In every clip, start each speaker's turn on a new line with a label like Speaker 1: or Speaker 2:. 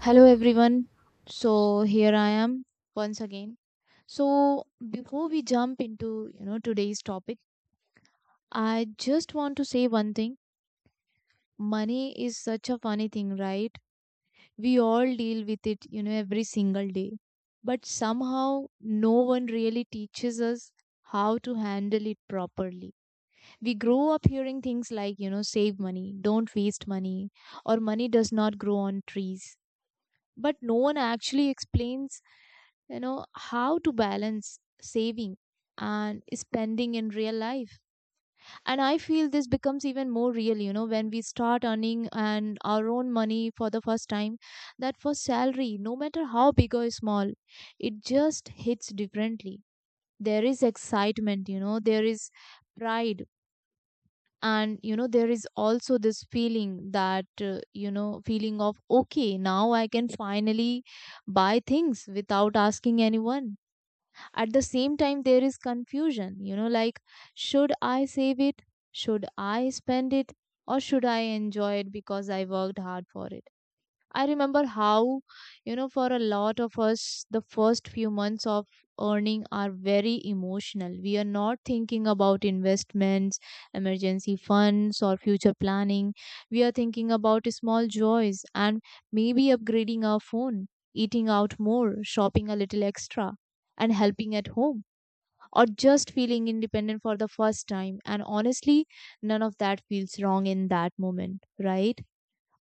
Speaker 1: Hello everyone. So here I am once again. So before we jump into, today's topic, I just want to say one thing. Money is such a funny thing, right? We all deal with it, every single day. But somehow no one really teaches us how to handle it properly. We grow up hearing things like, save money, don't waste money, or money does not grow on trees. But no one actually explains how to balance saving and spending in real life. And I feel this becomes even more real when we start earning and our own money for the first time. That first salary, no matter how big or small, it just hits differently. There is excitement, there is pride. And there is also this feeling that feeling of okay, now I can finally buy things without asking anyone. At the same time, there is confusion, like should I save it? Should I spend it? Or should I enjoy it because I worked hard for it? I remember how, for a lot of us, the first few months of earning are very emotional. We are not thinking about investments, emergency funds, or future planning. We are thinking about small joys and maybe upgrading our phone, eating out more, shopping a little extra, and helping at home, or just feeling independent for the first time. And honestly, none of that feels wrong in that moment, right?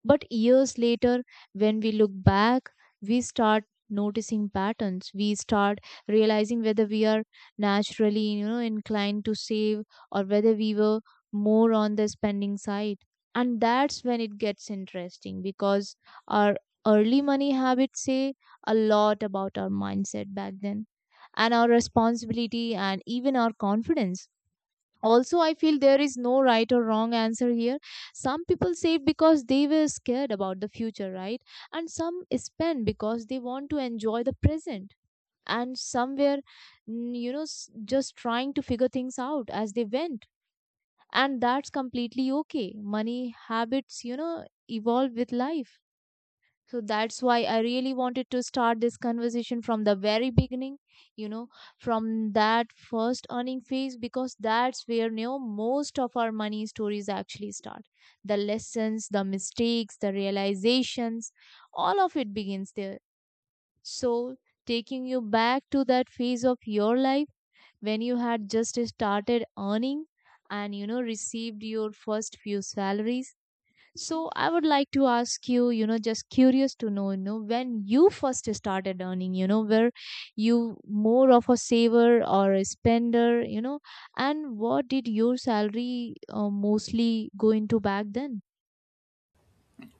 Speaker 1: But years later, when we look back, we start noticing patterns. We start realizing whether we are naturally, inclined to save or whether we were more on the spending side. And that's when it gets interesting because our early money habits say a lot about our mindset back then and our responsibility and even our confidence also. I feel there is no right or wrong answer here. Some people save because they were scared about the future, right? And some spend because they want to enjoy the present. And some were just trying to figure things out as they went. And that's completely okay. Money habits, evolve with life. So that's why I really wanted to start this conversation from the very beginning, you know, from that first earning phase, because that's where, most of our money stories actually start. The lessons, the mistakes, the realizations, all of it begins there. So taking you back to that phase of your life when you had just started earning and received your first few salaries, so I would like to ask you, just curious to know, when you first started earning, were you more of a saver or a spender, and what did your salary mostly go into back then?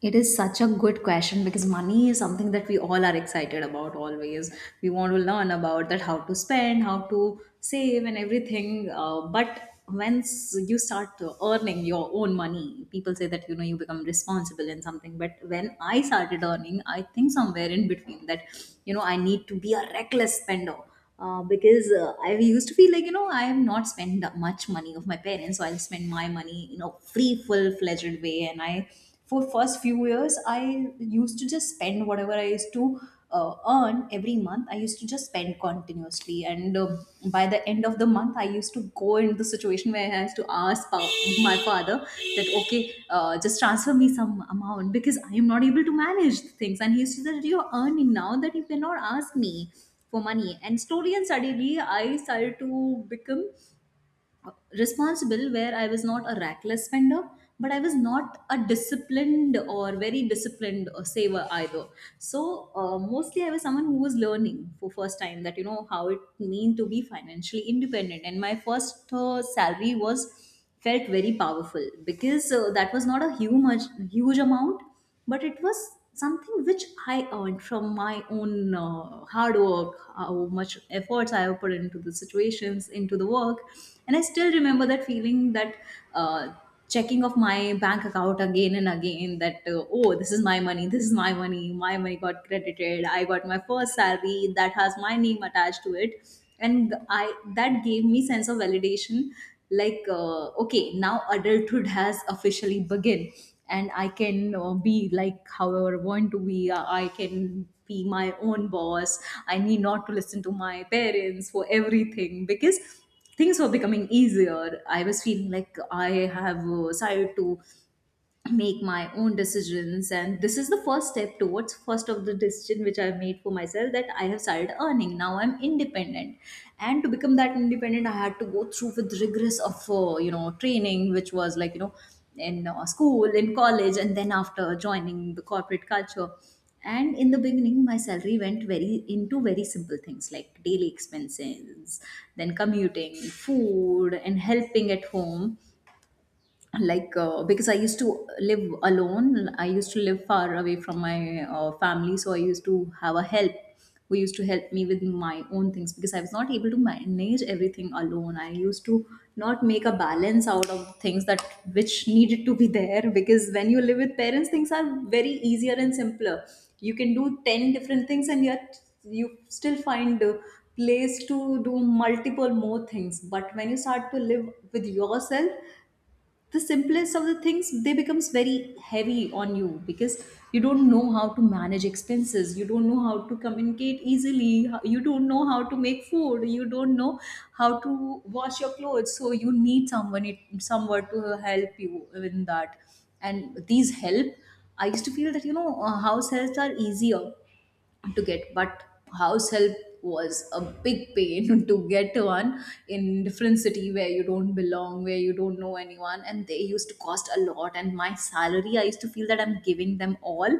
Speaker 2: It is such a good question because money is something that we all are excited about always. We want to learn about that how to spend, how to save, and everything. But once you start earning your own money, people say that you become responsible in something. But when I started earning, I think somewhere in between that I need to be a reckless spender because I used to feel like I have not spent that much money of my parents, so I'll spend my money in a free, full fledged way. For first few years, I used to just spend whatever I used to earn every month. I used to just spend continuously, and by the end of the month, I used to go into the situation where I had to ask my father that okay, just transfer me some amount because I am not able to manage things. And he used to say that you're earning now that you cannot ask me for money. And slowly and suddenly, I started to become responsible, where I was not a reckless spender but I was not a disciplined or very disciplined saver either. So mostly I was someone who was learning for first time that how it mean to be financially independent. And my first salary was felt very powerful, because that was not a huge huge amount, but it was something which I earned from my own hard work, how much efforts I have put into the situations, into the work. And I still remember that feeling that, uh, checking of my bank account again and again, that, oh, this is my money, this is my money got credited, I got my first salary that has my name attached to it. And I that gave me sense of validation. Like, okay, now adulthood has officially begun, and I can be like however I want to be. I can be my own boss. I need not to listen to my parents for everything, because things were becoming easier. I was feeling like I have decided to make my own decisions, and this is the first step towards first of the decision which I've made for myself, that I have started earning. Now I'm independent, and to become that independent I had to go through with rigorous of training, which was in school, in college, and then after joining the corporate culture. And in the beginning, my salary went very into very simple things like daily expenses, then commuting, food, and helping at home. Like, because I used to live alone, I used to live far away from my family, so I used to have a help who used to help me with my own things, because I was not able to manage everything alone. I used to not make a balance out of things that which needed to be there, because when you live with parents, things are very easier and simpler. You can do 10 different things and yet you still find a place to do multiple more things. But when you start to live with yourself, the simplest of the things they becomes very heavy on you, because you don't know how to manage expenses, you don't know how to communicate easily, you don't know how to make food, you don't know how to wash your clothes, so you need someone, it somewhere, to help you in that. And these help, I used to feel that house helps are easier to get, but house help was a big pain to get one in different city where you don't belong, where you don't know anyone, and they used to cost a lot, and my salary, I used to feel that I'm giving them all,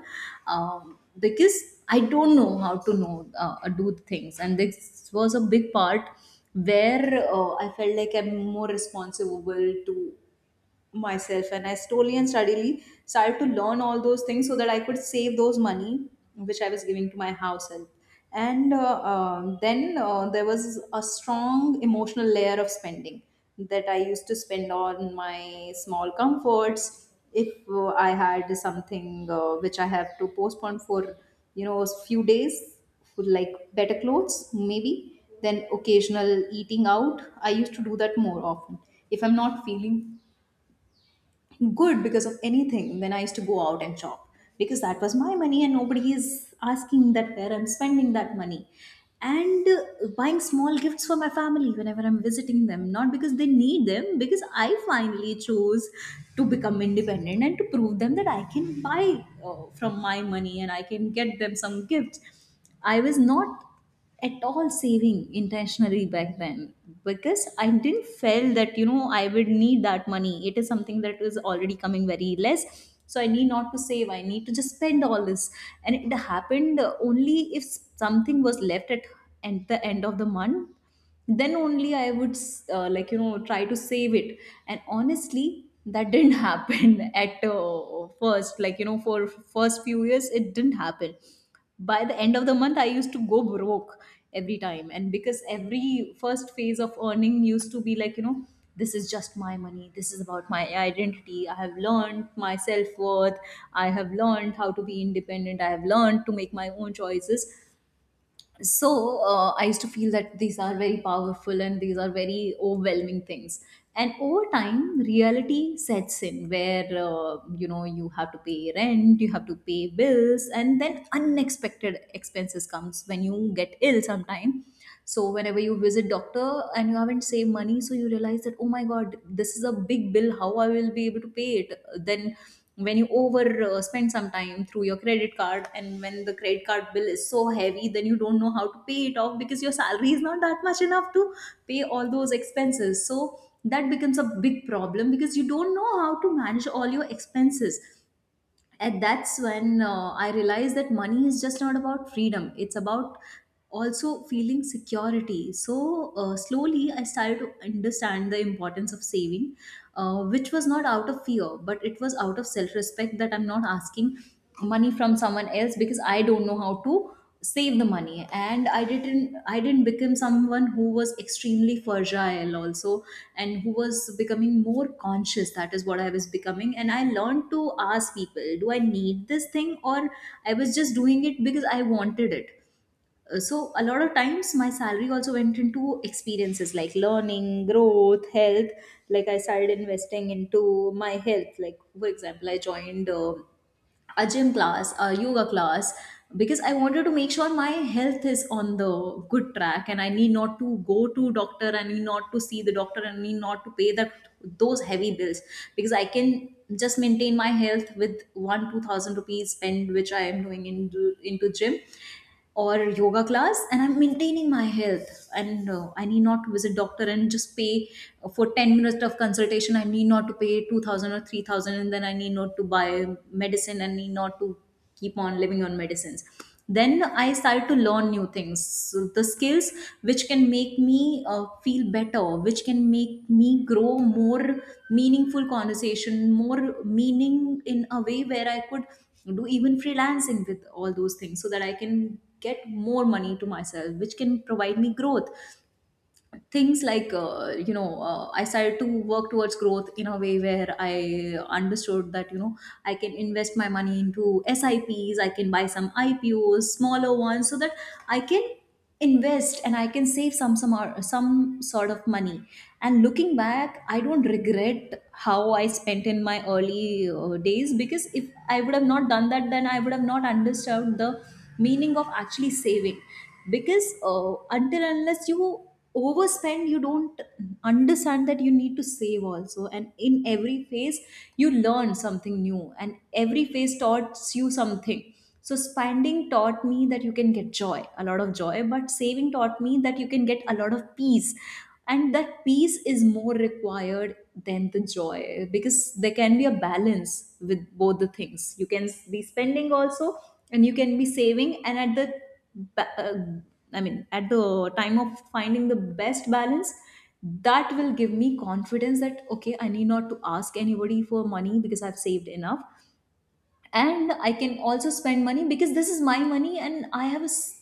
Speaker 2: because I don't know how to know do things. And this was a big part where I felt like I'm more responsible to myself, and I slowly and steadily started to learn all those things so that I could save those money which I was giving to my house help. And then there was a strong emotional layer of spending, that I used to spend on my small comforts. If I had something which I have to postpone for, a few days, for like better clothes, maybe, then occasional eating out, I used to do that more often if I'm not feeling good because of anything, when I used to go out and shop, because that was my money and nobody is asking that where I'm spending that money. And buying small gifts for my family whenever I'm visiting them, not because they need them, because I finally chose to become independent and to prove them that I can buy from my money and I can get them some gifts. I was not at all saving intentionally back then, because I didn't feel that I would need that money. It is something that is already coming very less, so I need not to save. I need to just spend all this, and it happened only if something was left at the end of the month. Then only I would like try to save it. And honestly, that didn't happen at first. Like, for first few years, it didn't happen. By the end of the month, I used to go broke every time. And because every first phase of earning used to be this is just my money, this is about my identity. I have learned my self-worth, I have learned how to be independent, I have learned to make my own choices. So I used to feel that these are very powerful and these are very overwhelming things. And over time reality sets in where you have to pay rent, you have to pay bills, and then unexpected expenses comes when you get ill sometime. So whenever you visit doctor and you haven't saved money, so you realize that, oh my god, this is a big bill, how I will be able to pay it. Then when you over spend some time through your credit card, and when the credit card bill is so heavy, then you don't know how to pay it off, because your salary is not that much enough to pay all those expenses. So that becomes a big problem, because you don't know how to manage all your expenses. And that's when I realized that money is just not about freedom, it's about also feeling security. So slowly I started to understand the importance of saving, which was not out of fear but it was out of self respect, that I'm not asking money from someone else because I don't know how to save the money. And I didn't become someone who was extremely fragile also, and who was becoming more conscious. That is what I was becoming, and I learned to ask people, do I need this thing or I was just doing it because I wanted it. So a lot of times my salary also went into experiences like learning, growth, health. Like, I started investing into my health. Like, for example, I joined a gym class, a yoga class, because I wanted to make sure my health is on the good track and I need not to go to doctor, I need not to see the doctor, and need not to pay that those heavy bills, because I can just maintain my health with one two thousand rupees spend which I am doing in into gym or yoga class, and I'm maintaining my health, and I need not to visit doctor and just pay for 10 minutes of consultation. I need not to pay 2000 or 3000, and then I need not to buy medicine and need not to keep on living on medicines. Then I started to learn new things, so the skills which can make me feel better, which can make me grow more, meaningful conversation more, meaning in a way where I could do even freelancing with all those things so that I can get more money to myself which can provide me growth. Things like I started to work towards growth in a way where I understood that I can invest my money into sips, I can buy some ipos, smaller ones, so that I can invest and I can save some sort of money. And looking back, I don't regret how I spent in my early days, because if I would have not done that, then I would have not understood the meaning of actually saving. Because until unless you overspend, you don't understand that you need to save also. And in every phase you learn something new, and every phase taught you something. So spending taught me that you can get joy, a lot of joy, but saving taught me that you can get a lot of peace. And that peace is more required than the joy, because there can be a balance with both the things. You can be spending also, and you can be saving, and at the ba- uh, at the time of finding the best balance, that will give me confidence that okay, I need not to ask anybody for money because I've saved enough, and I can also spend money because this is my money and I have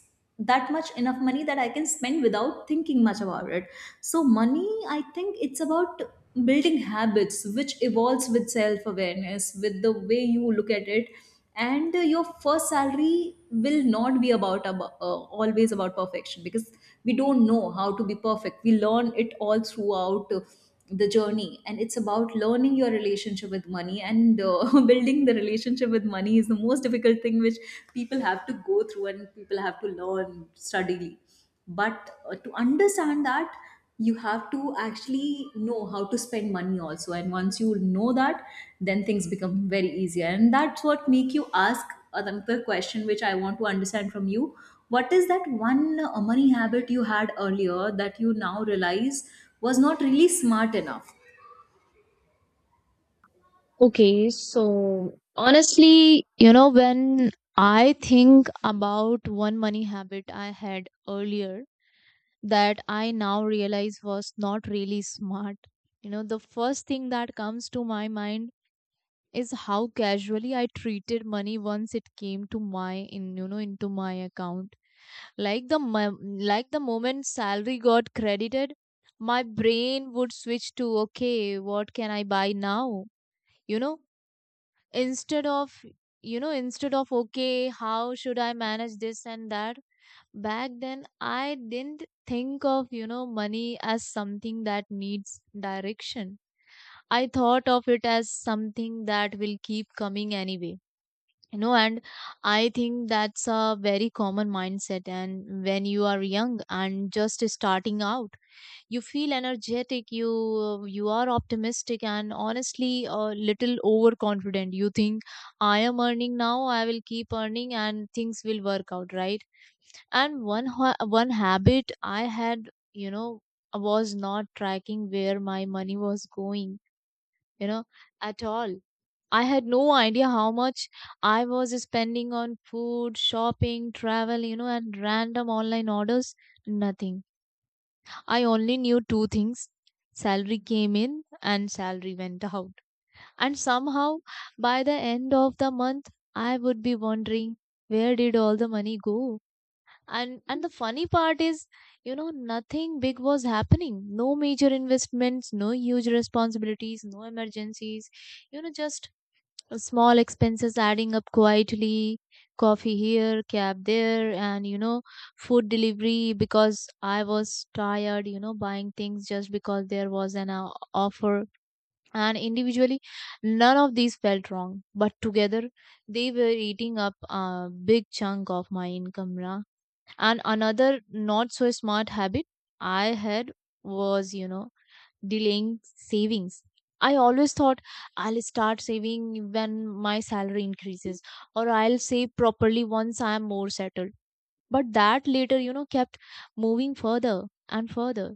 Speaker 2: that much enough money that I can spend without thinking much about it. So money, I think it's about building habits which evolves with self awareness, with the way you look at it. And your first salary will not be always about perfection, because we don't know how to be perfect. We learn it all throughout the journey, and it's about learning your relationship with money. And building the relationship with money is the most difficult thing which people have to go through, and people have to learn steadily. But to understand that, you have to actually know how to spend money also. And once you know that, then things become very easier. And that's what make you ask another question which I want to understand from you. What is that one money habit you had earlier that you now realize was not really smart enough?
Speaker 1: Okay, so honestly, when I think about one money habit I had earlier that I now realize was not really smart, the first thing that comes to my mind is how casually I treated money once it came to my in you know into my account. Like the mo- like the moment salary got credited, my brain would switch to okay, what can I buy now? You know, instead of instead of okay, how should I manage this and that? Back then, I didn't think of money as something that needs direction. I thought of it as something that will keep coming anyway, and I think that's a very common mindset. And when you are young and just starting out, you feel energetic, you are optimistic and honestly a little overconfident. You think I am earning now, I will keep earning and things will work out, right? And one habit I had, you know was not tracking where my money was going, you know at all. I had no idea how much I was spending on food, shopping, travel, and random online orders. Nothing. I only knew two things. Salary came in and salary went out. And somehow, by the end of the month, I would be wondering, where did all the money go? And the funny part is, nothing big was happening. No major investments, no huge responsibilities, no emergencies. Just small expenses adding up quietly, coffee here, cab there, and food delivery because I was tired, buying things just because there was an offer. And individually, none of these felt wrong, but together they were eating up a big chunk of my income. And another not so smart habit I had was, delaying savings. I always thought I'll start saving when my salary increases, or I'll save properly once I am more settled. But that later, kept moving further and further.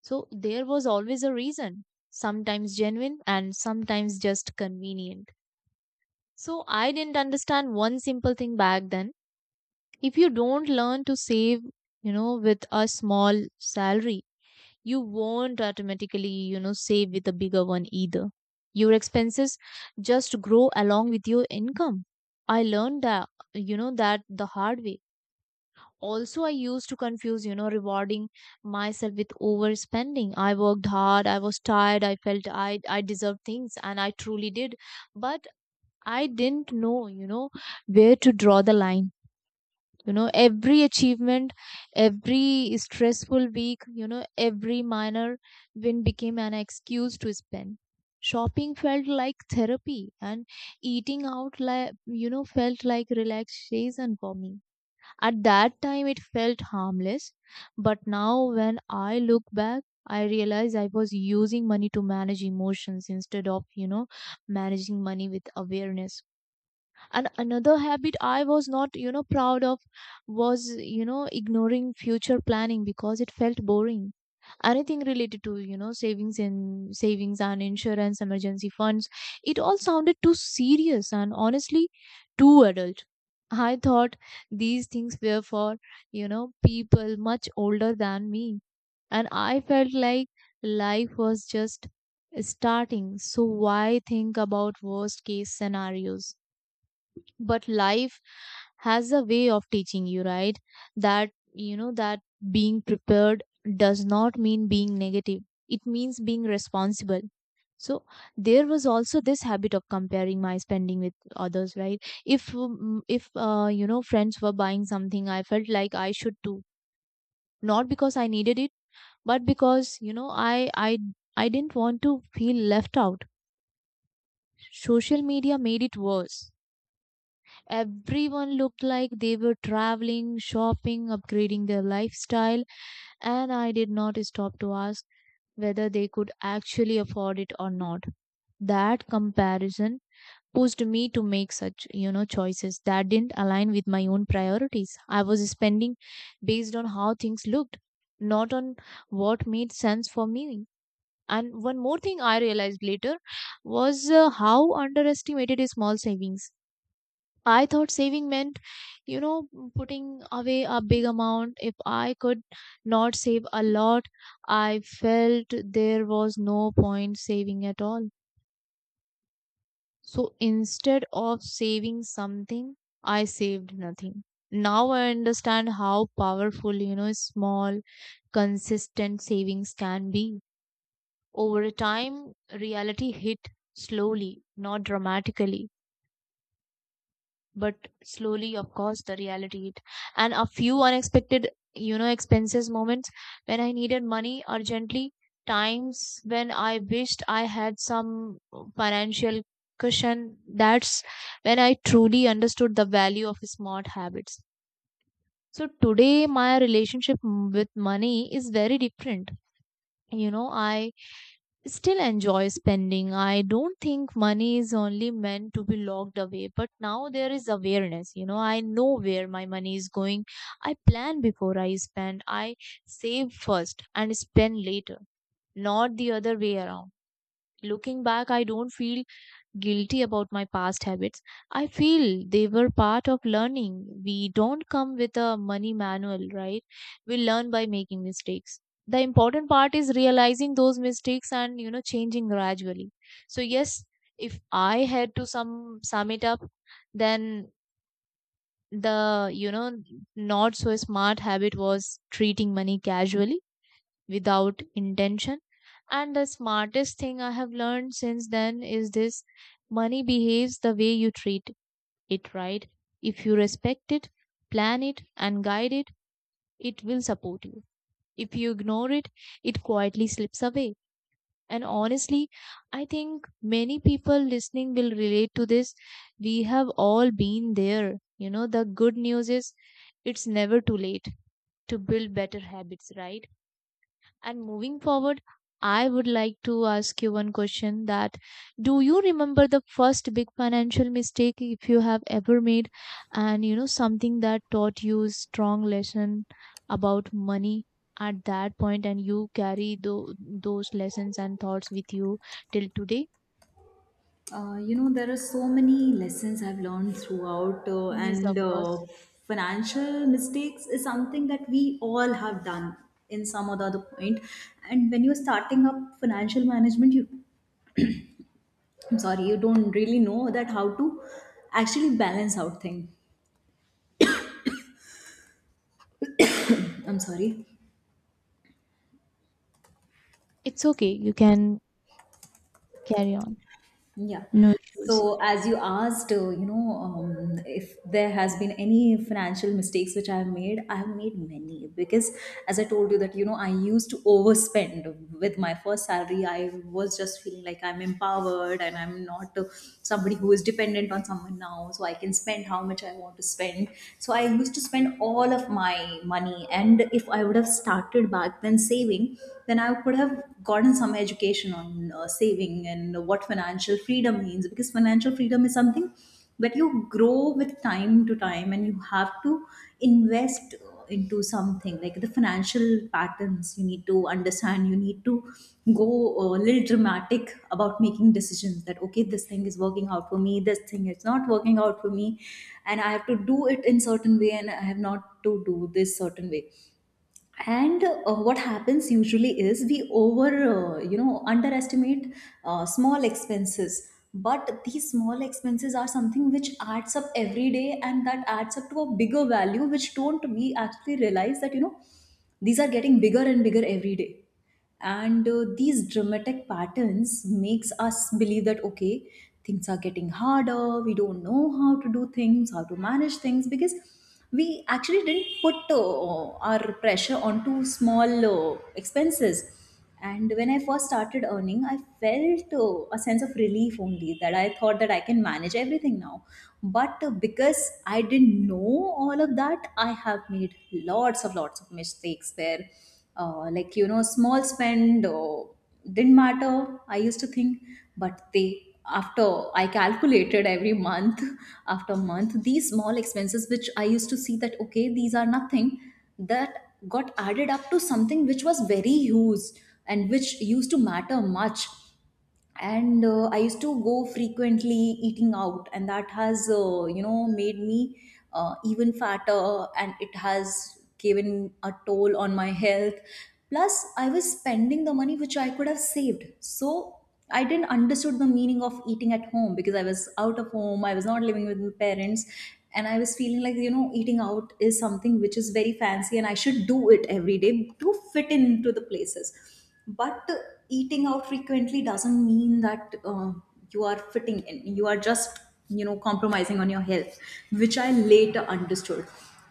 Speaker 1: So there was always a reason, sometimes genuine and sometimes just convenient. So I didn't understand one simple thing back then. If you don't learn to save, with a small salary, you won't automatically, save with a bigger one either. Your expenses just grow along with your income. I learned that the hard way. Also, I used to confuse, rewarding myself with overspending. I worked hard, I was tired, I felt I deserved things, and I truly did. But I didn't know, where to draw the line. You know every achievement, every stressful week, every minor win became an excuse to spend. Shopping felt like therapy, and eating out, like, felt like relaxation for me at that time. It felt harmless, but now when I look back, I realize I was using money to manage emotions instead of, managing money with awareness. And another habit I was not, proud of was, ignoring future planning because it felt boring. Anything related to, savings and insurance, emergency funds, it all sounded too serious and honestly too adult. I thought these things were for, people much older than me. And I felt like life was just starting, so why think about worst case scenarios? But life has a way of teaching you, right, that you know that being prepared does not mean being negative, it means being responsible. So there was also this habit of comparing my spending with others, right? If friends were buying something, I felt like I should too, not because I needed it, but because, I didn't want to feel left out. Social media made it worse. Everyone looked like they were traveling, shopping, upgrading their lifestyle, and I did not stop to ask whether they could actually afford it or not. That comparison pushed me to make such, choices that didn't align with my own priorities. I was spending based on how things looked, not on what made sense for me. And one more thing I realized later was, how underestimated is small savings. I thought saving meant, you know, putting away a big amount. If I could not save a lot, I felt there was no point saving at all. So instead of saving something, I saved nothing. Now I understand how powerful, small, consistent savings can be. Over time, reality hit slowly, not dramatically, but slowly, of course, the reality hit. And a few unexpected, expenses, moments when I needed money urgently, times when I wished I had some financial cushion. That's when I truly understood the value of smart habits. So today my relationship with money is very different. You know I still enjoy spending. I don't think money is only meant to be locked away, but now there is awareness. I know where my money is going. I plan before I spend. I save first and spend later, not the other way around. Looking back, I don't feel guilty about my past habits. I feel they were part of learning. We don't come with a money manual, right? We learn by making mistakes. The important part is realizing those mistakes and, changing gradually. So yes, if I had to sum it up, then the not so smart habit was treating money casually without intention. And the smartest thing I have learned since then is this: money behaves the way you treat it, right? If you respect it, plan it, and guide it, it will support you. If you ignore it, it quietly slips away. And honestly, I think many people listening will relate to this. We have all been there. The good news is it's never too late to build better habits, right? And moving forward, I would like to ask you one question: that do you remember the first big financial mistake, if you have ever made, and, something that taught you a strong lesson about money at that point, and you carry those lessons and thoughts with you till today?
Speaker 2: There are so many lessons I've learned throughout,
Speaker 1: Yes,
Speaker 2: and
Speaker 1: of course.
Speaker 2: financial mistakes is something that we all have done in some or the other point. And when you're starting up financial management, I'm sorry, you don't really know that how to actually balance out thing. I'm sorry.
Speaker 1: It's okay. You can carry on.
Speaker 2: Yeah.
Speaker 1: No issues.
Speaker 2: So as you asked, if there has been any financial mistakes which I have made many because, as I told you that you know, I used to overspend with my first salary. I was just feeling like I'm empowered and I'm not somebody who is dependent on someone now, so I can spend how much I want to spend. So I used to spend all of my money, and if I would have started back then saving, then I could have gotten some education on saving and what financial freedom means. Because financial freedom is something that you grow with time to time, and you have to invest into something like the financial patterns. You need to understand, you need to go a little dramatic about making decisions that okay, this thing is working out for me, this thing is not working out for me, and I have to do it in certain way and I have not to do this certain way. And what happens usually is we over you know underestimate small expenses, but these small expenses are something which adds up every day, and that adds up to a bigger value which don't we actually realize that you know these are getting bigger and bigger every day. And these dramatic patterns makes us believe that okay, things are getting harder, we don't know how to do things, how to manage things, because we actually didn't put our pressure onto small expenses. And when I first started earning, I felt a sense of relief only, that I thought that I can manage everything now. But because I didn't know all of that, I have made lots of mistakes there. Like, you know, small spend didn't matter, I used to think. But they, after I calculated every month, after month, these small expenses, which I used to see that, okay, these are nothing, that got added up to something which was very huge and which used to matter much. And I used to go frequently eating out, and that has made me even fatter, and it has given a toll on my health, plus I was spending the money which I could have saved. So I didn't understood the meaning of eating at home, because I was out of home. I was not living with my parents, and I was feeling like you know eating out is something which is very fancy, and I should do it every day to fit into the places. But eating out frequently doesn't mean that you are fitting in. You are just, you know, compromising on your health, which I later understood.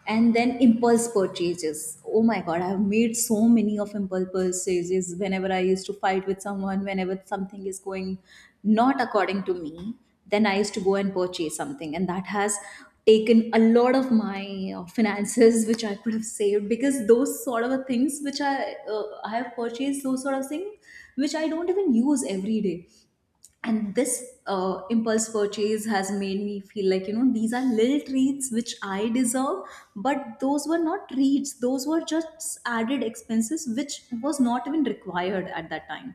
Speaker 2: And then impulse purchases, oh my god, I've made so many of impulse purchases. Whenever I used to fight with someone, whenever something is going not according to me, then I used to go and purchase something, and that has taken a lot of my finances which I could have saved, because those sort of things which uh, I have purchased, those sort of things which I don't even use every day. And this impulse purchase has made me feel like you know these are little treats which I deserve. But those were not treats, those were just added expenses which was not even required at that time.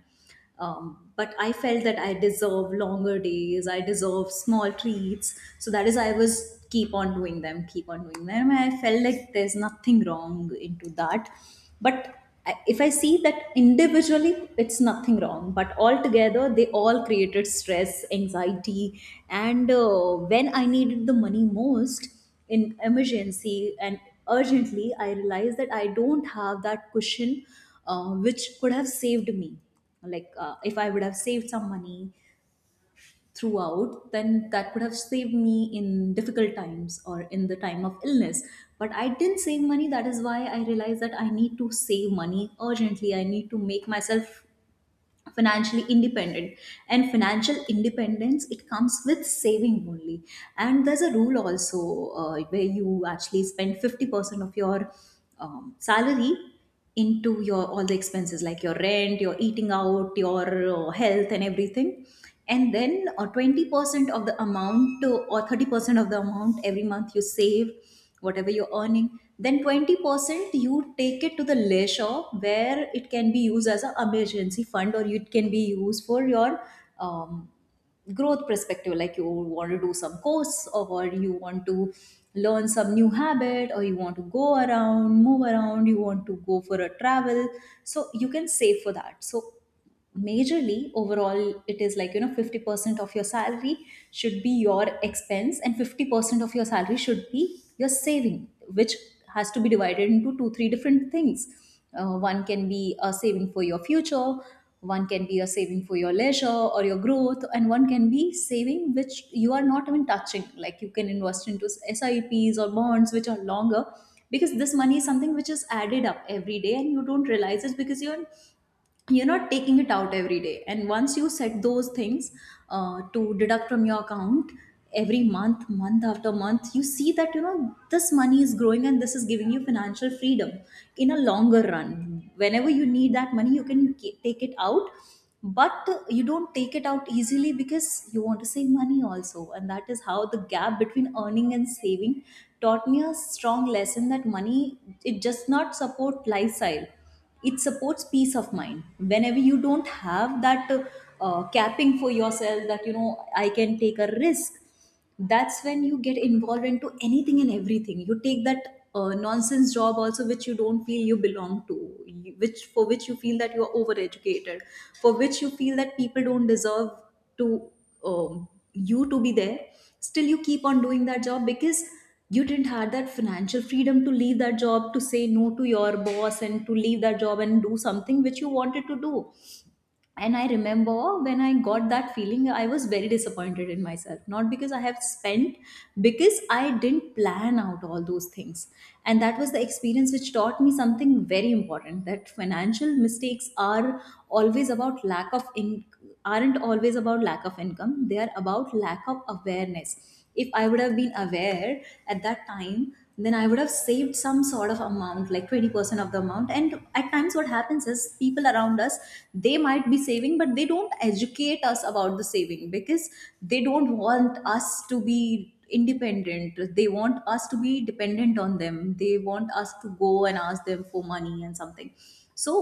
Speaker 2: But I felt that I deserve longer days, I deserve small treats, so that is I was keep on doing them, keep on doing them. I felt like there's nothing wrong into that. But if I see that individually, it's nothing wrong, but altogether, they all created stress, anxiety, and when I needed the money most, in emergency and urgently, I realized that I don't have that cushion which could have saved me. Like, if I would have saved some money throughout, then that could have saved me in difficult times or in the time of illness. But I didn't save money. That is why I realized that I need to save money urgently. I need to make myself financially independent. And financial independence, it comes with saving only. And there's a rule also, where you actually spend 50% of your salary into your all the expenses, like your rent, your eating out, your health and everything. And then 20% of the amount, or 30% of the amount every month you save, whatever you're earning. Then 20% you take it to the leisure, where it can be used as an emergency fund, or it can be used for your um, growth perspective, like you want to do some course, or you want to learn some new habit, or you want to go around, move around, you want to go for a travel, so you can save for that. So majorly overall, it is like you know 50% of your salary should be your expense, and 50% of your salary should be your saving, which has to be divided into two three different things. One can be a saving for your future, one can be a saving for your leisure or your growth, and one can be saving which you are not even touching, like you can invest into sips or bonds which are longer. Because this money is something which is added up every day, and you don't realize it because you're not taking it out every day. And once you set those things to deduct from your account every month, month after month, you see that you know this money is growing, and this is giving you financial freedom in a longer run. Whenever you need that money, you can take it out. But you don't take it out easily, because you want to save money also. And that is how the gap between earning and saving taught me a strong lesson that money, it does not support lifestyle, it supports peace of mind. Whenever you don't have that capping for yourself, that you know I can take a risk, that's when you get involved into anything and everything. You take that nonsense job also which you don't feel you belong to, which for which you feel that you are overeducated, for which you feel that people don't deserve to um, you to be there, still you keep on doing that job, because you didn't have that financial freedom to leave that job, to say no to your boss and to leave that job and do something which you wanted to do. And I remember when I got that feeling, I was very disappointed in myself, not because I have spent, because I didn't plan Out all those things. And that was the experience which taught me something very important, that financial mistakes are always about lack of in aren't always about lack of income, they are about lack of awareness. If I would have been aware at that time, then I would have saved some sort of amount, like 20% of the amount. And at times what happens is people around us, they might be saving, but they don't educate us about the saving, because they don't want us to be independent. They want us to be dependent on them, they want us to go and ask them for money and something. So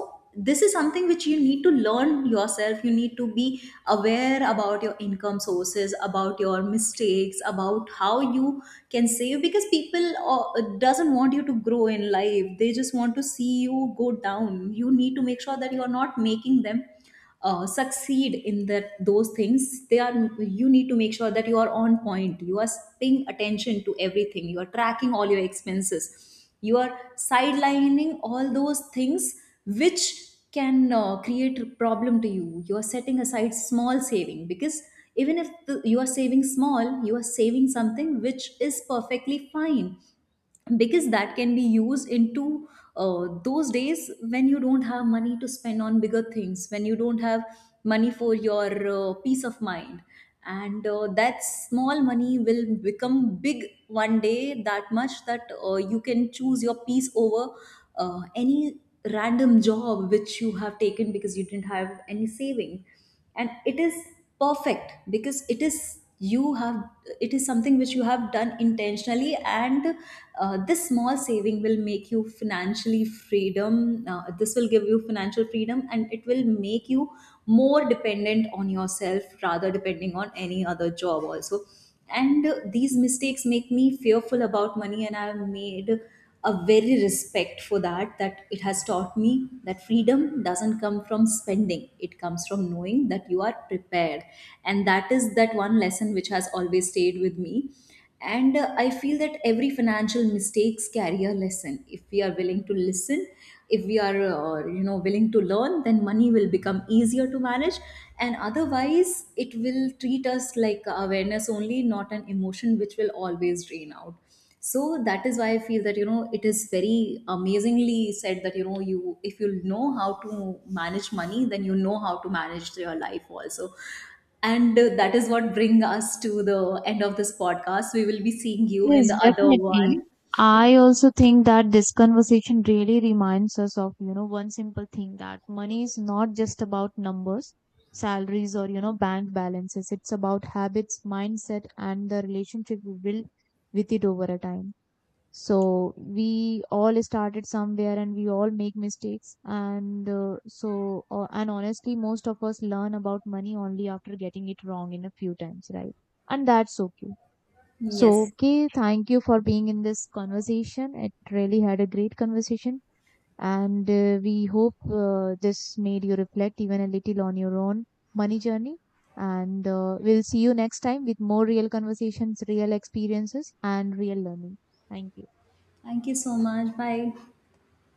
Speaker 2: this is something which you need to learn yourself. You need to be aware about your income sources, about your mistakes, about how you can save, because people doesn't want you to grow in life, they just want to see you go down. You need to make sure that you are not making them succeed in that, those things they are. You need to make sure that you are on point, you are paying attention to everything, you are tracking all your expenses, you are sidelining all those things which can create a problem to you. You are setting aside small saving, because even if you are saving small, you are saving something, which is perfectly fine. Because that can be used into those days when you don't have money to spend on bigger things, when you don't have money for your peace of mind. And that small money will become big one day, that much that you can choose your peace over any random job which you have taken because you didn't have any saving. And it is perfect, because it is you have, it is something which you have done intentionally. And this small saving will make you financially freedom, this will give you financial freedom, and it will make you more dependent on yourself rather depending on any other job also. And these mistakes make me fearful about money, and I've made a very respect for that, that it has taught me that freedom doesn't come from spending, it comes from knowing that you are prepared. And that is that one lesson which has always stayed with me. And I feel that every financial mistakes carry a lesson, if we are willing to listen. If we are willing to learn, then money will become easier to manage. And otherwise it will treat us like awareness only, not an emotion which will always drain out. So that is why I feel that, you know, it is very amazingly said that, you know, you, if you know how to manage money, then you know how to manage your life also. And that is what bring us to the end of this podcast. We will be seeing you in
Speaker 1: Yes,
Speaker 2: the other
Speaker 1: definitely.
Speaker 2: one.
Speaker 1: I also think that this conversation really reminds us of, one simple thing, that money is not just about numbers, salaries, or, bank balances. It's about habits, mindset, and the relationship we build with it over a time. So we all started somewhere and we all make mistakes. And so, and honestly, most of us learn about money only after getting it wrong in a few times, right? And that's okay. So,
Speaker 2: Yes,
Speaker 1: okay, thank you for being in this conversation. It really had a great conversation, and we hope this made you reflect even a little on your own money journey. And we'll see you next time with more real conversations, real experiences, and real learning. Thank you.
Speaker 2: thank you so much, bye.